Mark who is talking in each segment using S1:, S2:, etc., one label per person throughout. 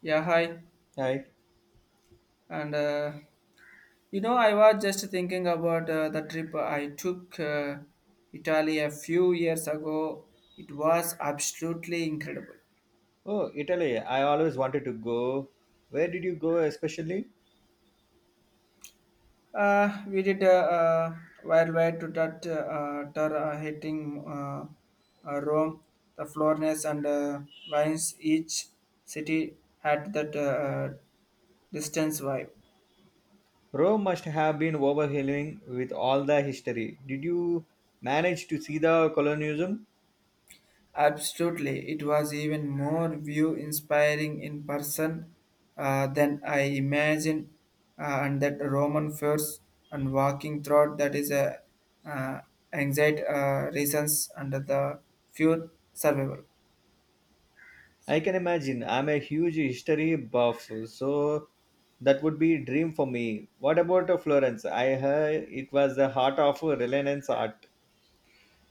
S1: Yeah, hi.
S2: Hi.
S1: And I was just thinking about the trip I took Italy a few years ago. It was absolutely incredible.
S2: Oh, Italy. I always wanted to go. Where did you go especially?
S1: We did a worldwide to that tour hitting Rome, the Florence and Vines. Each city had that distance vibe.
S2: Rome must have been overwhelming with all the history. Did you manage to see the colonialism?
S1: Absolutely, it was even more view inspiring in person than I imagined, and that Roman force and walking through that is a uh, anxiety reasons under the few survival.
S2: I can imagine. I'm a huge history buff, so that would be a dream for me. What about Florence? I heard it was the heart of Renaissance art.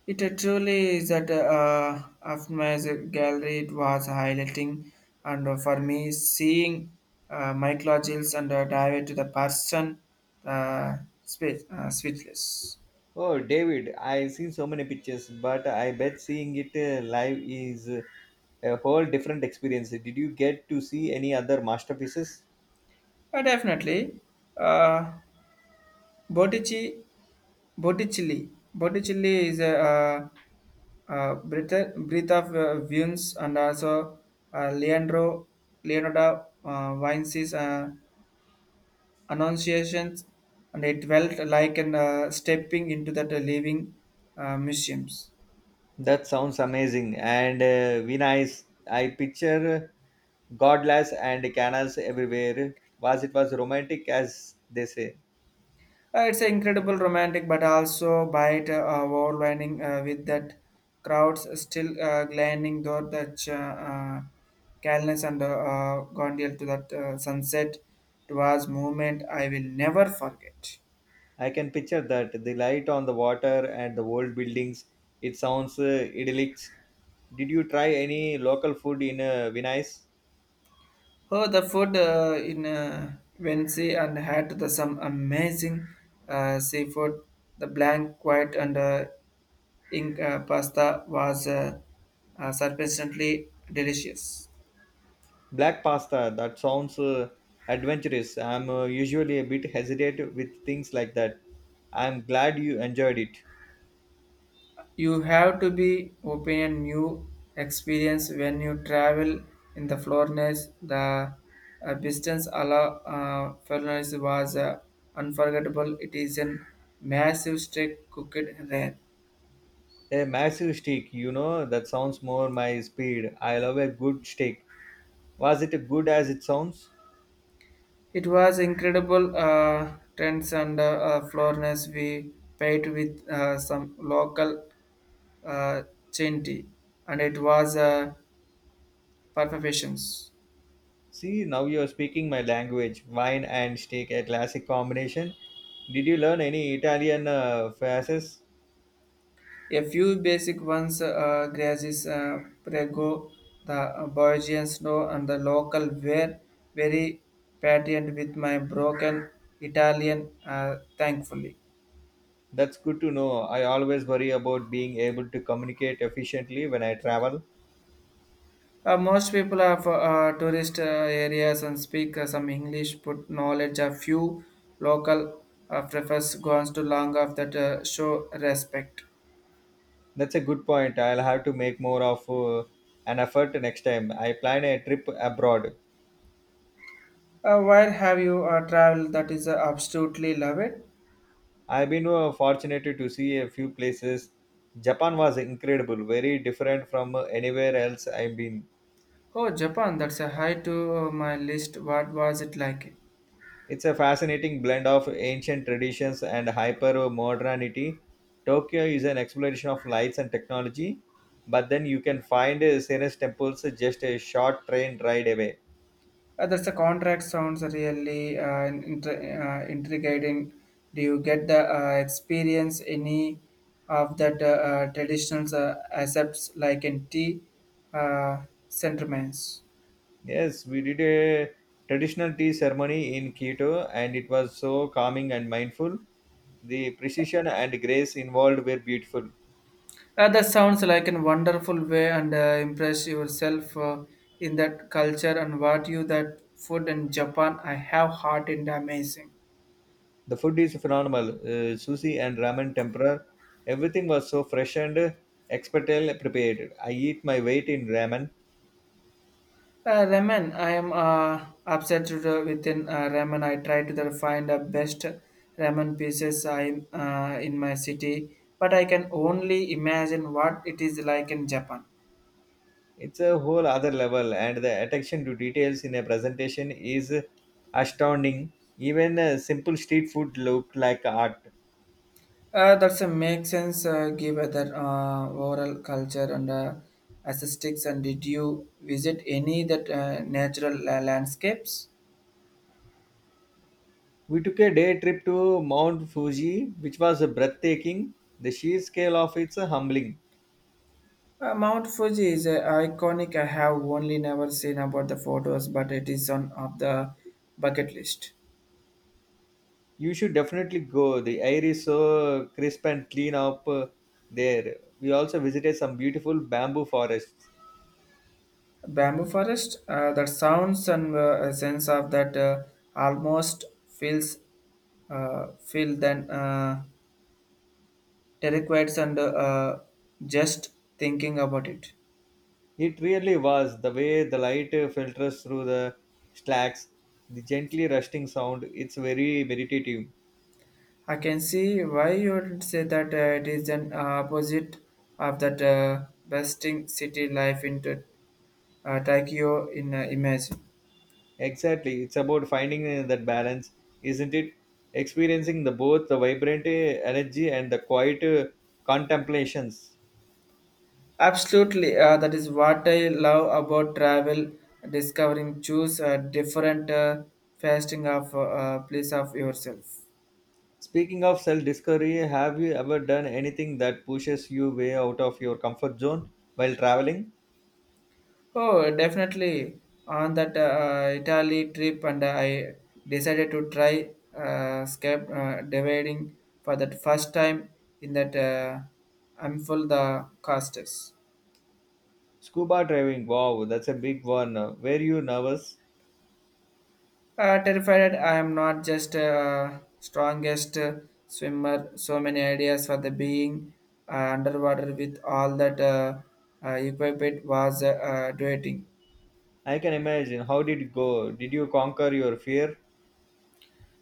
S1: It truly is that of my gallery it was highlighting, and for me seeing Michael Giles and dive to the person uh, speechless.
S2: Oh, David, I've seen so many pictures, but I bet seeing it live is a whole different experience. Did you get to see any other masterpieces?
S1: Definitely. Uh, Botticelli, Botticelli is a breath of Vunes and also uh, Leandro, Leonardo Vinci's Annunciations, and it felt like an stepping into that living museums.
S2: That sounds amazing. And Vina is, I picture godlass and canals everywhere. Was it was romantic as they say?
S1: It's an incredible romantic, but also bite overwhelming with that crowds still gliding though the calmness and gondial to that sunset. It was moment I will never forget.
S2: I can picture that the light on the water and the old buildings. It sounds idyllic. Did you try any local food in Venice?
S1: Oh, the food in Wednesday and had the, some amazing seafood. The blank, white and ink pasta was surprisingly delicious.
S2: Black pasta, that sounds adventurous. I'm usually a bit hesitant with things like that. I'm glad you enjoyed it.
S1: You have to be open and new experience when you travel in the Florence. The distance ala Florence was unforgettable. It is a massive steak cooked there.
S2: A massive steak, you know, that sounds more my speed. I love a good steak. Was it good as it sounds?
S1: It was incredible trends and Florence we paid with some local uh, chinti and it was perfections.
S2: See, now you're speaking my language. Wine and steak, a classic combination. Did you learn any Italian phrases?
S1: A few basic ones grasses, prego, the Belgian snow, and the local were very patient with my broken Italian, thankfully.
S2: That's good to know. I always worry about being able to communicate efficiently when I travel.
S1: Most people of tourist areas and speak some English, but knowledge a few local prefers goes to long of that show respect.
S2: That's a good point. I'll have to make more of an effort next time. I plan a trip abroad.
S1: Where have you traveled that is absolutely love it?
S2: I've been fortunate to see a few places. Japan was incredible, very different from anywhere else I've been.
S1: Oh, Japan, that's a high to my list. What was it like?
S2: It's a fascinating blend of ancient traditions and hyper modernity. Tokyo is an exploration of lights and technology, but then you can find Senes temples just a short train ride away.
S1: That's a contract sounds really intriguing. Do you get the experience any of that traditional accepts like in tea uh, sentiments?
S2: Yes, we did a traditional tea ceremony in Quito, and it was so calming and mindful. The precision and grace involved were beautiful.
S1: That sounds like a wonderful way and impress yourself in that culture and what you that food in Japan I have heard and amazing.
S2: The food is phenomenal. Sushi and ramen tempura, everything was so fresh and expertly prepared. I eat my weight in ramen.
S1: Ramen. I am upset with, within ramen. I try to find the best ramen pieces I in my city, but I can only imagine what it is like in Japan.
S2: It's a whole other level, and the attention to details in a presentation is astounding. Even simple street food looked like art.
S1: That's a make sense given that oral culture and aesthetics. And did you visit any that natural landscapes?
S2: We took a day trip to Mount Fuji, which was breathtaking. The sheer scale of it's humbling.
S1: Mount Fuji is iconic. I have only never seen about the photos, but it is on of the bucket list.
S2: You should definitely go. The air is so crisp and clean up there. We also visited some beautiful bamboo forests.
S1: Bamboo forest that sounds and a sense of that almost feels feel then terrified and just thinking about it.
S2: It really was the way the light filters through the slacks, the gently rusting sound. It's very meditative.
S1: I can see why you would say that it is an opposite of that besting city life into Tokyo in imagine.
S2: Exactly. It's about finding that balance, isn't it? Experiencing the both the vibrant energy and the quiet contemplations.
S1: Absolutely, that is what I love about travel. Discovering, choose a different fasting of place of yourself.
S2: Speaking of self discovery, have you ever done anything that pushes you way out of your comfort zone while traveling?
S1: Oh, definitely. On that Italy trip, and I decided to try scap dividing for that first time in that I'm full the casters.
S2: Scuba diving, wow, that's a big one. Were you nervous?
S1: Terrified, I am not just strongest swimmer. So many ideas for the being underwater with all that equipment was doing.
S2: I can imagine. How did it go? Did you conquer your fear?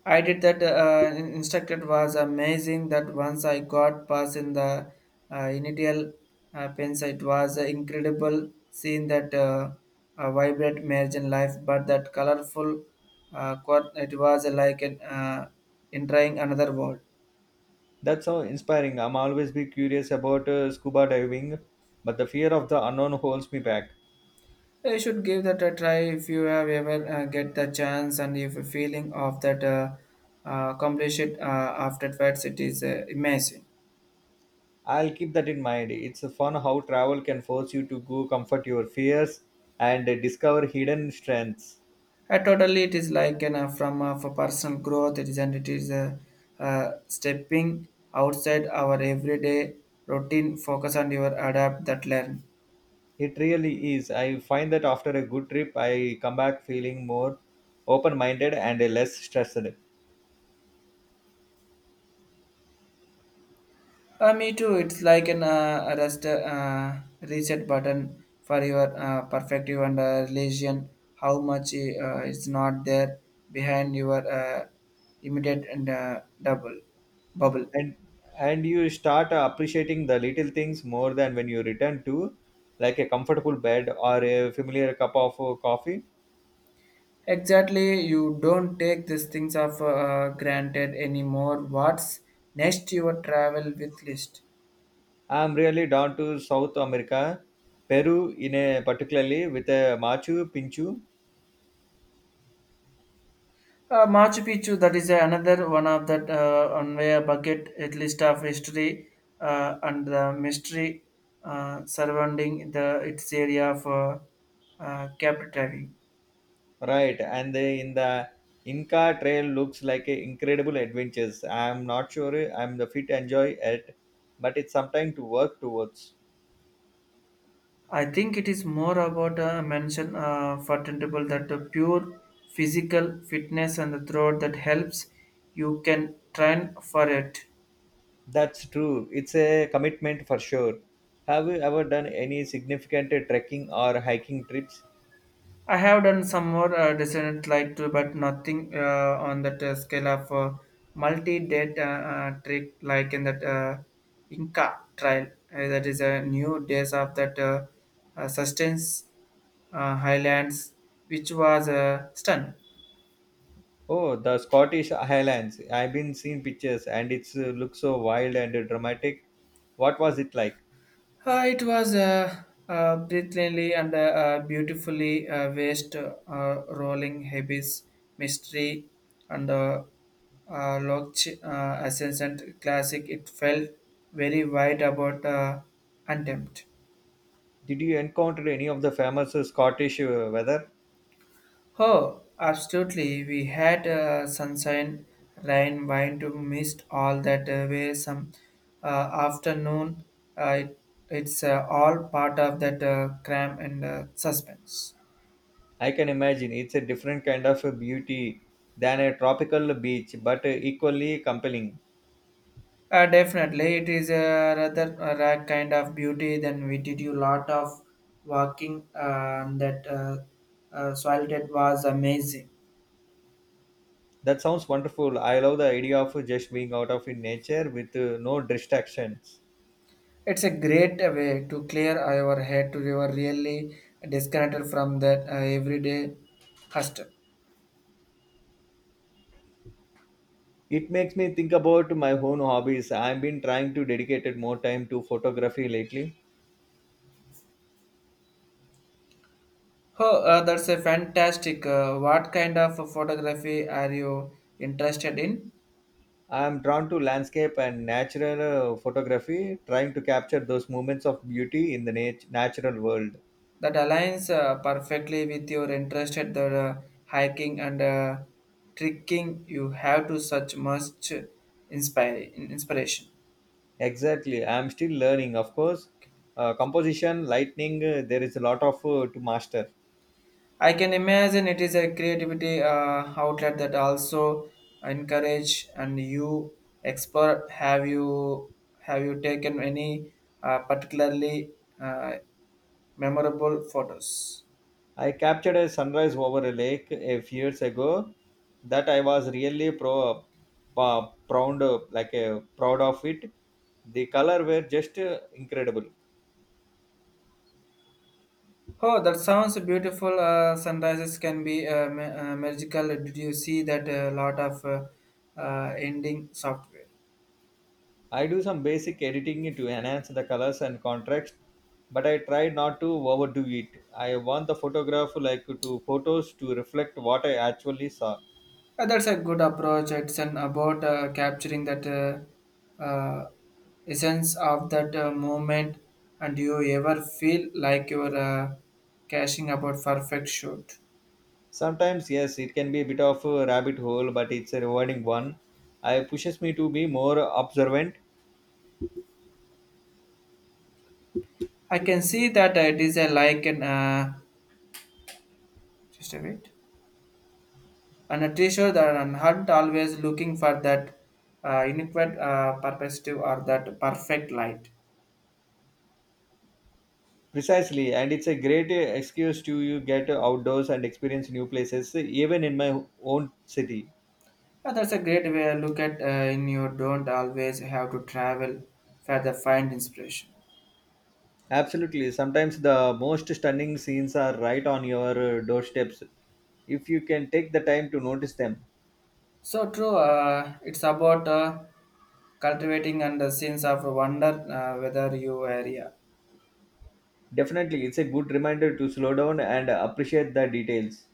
S1: I did that. Instructed was amazing. That once I got past in the initial pens, it was incredible seeing that vibrant margin life. But that colorful quad, it was like an entering another world.
S2: That's so inspiring. I'm always be curious about scuba diving, but the fear of the unknown holds me back.
S1: You should give that a try if you have ever get the chance and if feeling of that completion afterwards it is amazing.
S2: I'll keep that in mind. It's fun how travel can force you to go comfort your fears and discover hidden strengths.
S1: Totally, it is like an, from for personal growth. It is and it is stepping outside our everyday routine. Focus on your adapt that learn.
S2: It really is. I find that after a good trip, I come back feeling more open-minded and less stressed.
S1: Me too. It's like an reset button for your perspective and religion. How much is not there behind your immediate and double bubble.
S2: And and you start appreciating the little things more than when you return to, like a comfortable bed or a familiar cup of coffee.
S1: Exactly. You don't take these things of granted anymore. What's next? Your travel with list.
S2: I'm really down to South America, Peru in a particularly with a Machu Picchu.
S1: Machu Picchu, that is another one of that on my bucket at least of history and the mystery surrounding the its area of captivating.
S2: Right, and they in the Inca Trail looks like a incredible adventures. I'm not sure I'm the fit enjoy it, but it's something to work towards.
S1: I think it is more about a mention for tentable that the pure physical fitness and the throat that helps you can train for it.
S2: That's true. It's a commitment for sure. Have you ever done any significant trekking or hiking trips?
S1: I have done some more designs like to, but nothing on that scale of multi-date trick like in that Inca trial. That is a new days of that sustenance highlands, which was a stun.
S2: Oh, the Scottish Highlands. I've been seeing pictures and it's looks so wild and dramatic. What was it like?
S1: It was brilliantly and beautifully vast, rolling habits, mystery, and Loch Ascendant classic. It felt very wide about attempt.
S2: Did you encounter any of the famous Scottish weather?
S1: Oh, absolutely. We had sunshine, rain, wine to mist all that way. Some uh, afternoon, uh, it, it's all part of that crime and suspense.
S2: I can imagine it's a different kind of a beauty than a tropical beach, but equally compelling.
S1: Definitely, it is a rather a rare kind of beauty. Then we did a lot of walking, and that soil that was amazing.
S2: That sounds wonderful. I love the idea of just being out of in nature with no distractions.
S1: It's a great way to clear our head to your really disconnected from that everyday hustle.
S2: It makes me think about my own hobbies. I've been trying to dedicate more time to photography lately.
S1: Oh, that's a fantastic. What kind of photography are you interested in?
S2: I'm drawn to landscape and natural photography, trying to capture those moments of beauty in the natural world.
S1: That aligns perfectly with your interest at the hiking and trekking. You have to such much inspire inspiration.
S2: Exactly. I'm still learning, of course. Composition, lightning, there is a lot of to master.
S1: I can imagine it is a creativity outlet that also encourage and you explore. Have you taken any particularly uh, memorable photos?
S2: I captured a sunrise over a lake a few years ago that I was really proud of it. The color were just incredible.
S1: Oh, that sounds beautiful. Sunrises can be magical. Did you see that a lot of ending software?
S2: I do some basic editing to enhance the colors and contrast, but I try not to overdo it. I want the photograph like to photos to reflect what I actually saw.
S1: That's a good approach. It's an about capturing that essence of that moment. And do you ever feel like you're cashing about perfect shoot?
S2: Sometimes, yes, it can be a bit of a rabbit hole, but it's a rewarding one. I pushes me to be more observant.
S1: I can see that it is a like an just a bit, and a treasure that and hunt always looking for that inadequate perspective or that perfect light.
S2: Precisely, and it's a great excuse to you get outdoors and experience new places, even in my own city.
S1: That's a great way to look at in you don't always have to travel for the find inspiration.
S2: Absolutely, sometimes the most stunning scenes are right on your doorsteps if you can take the time to notice them.
S1: So true, it's about cultivating and the sense of wonder whether you area.
S2: Definitely, it's a good reminder to slow down and appreciate the details.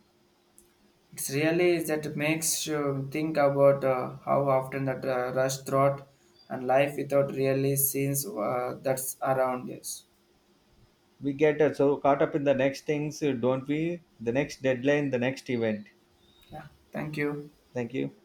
S1: It's really is that makes you think about how often that rush throughout and life without really seeing that's around us.
S2: We get so caught up in the next things, don't we? The next deadline, the next event.
S1: Yeah, thank you.
S2: Thank you.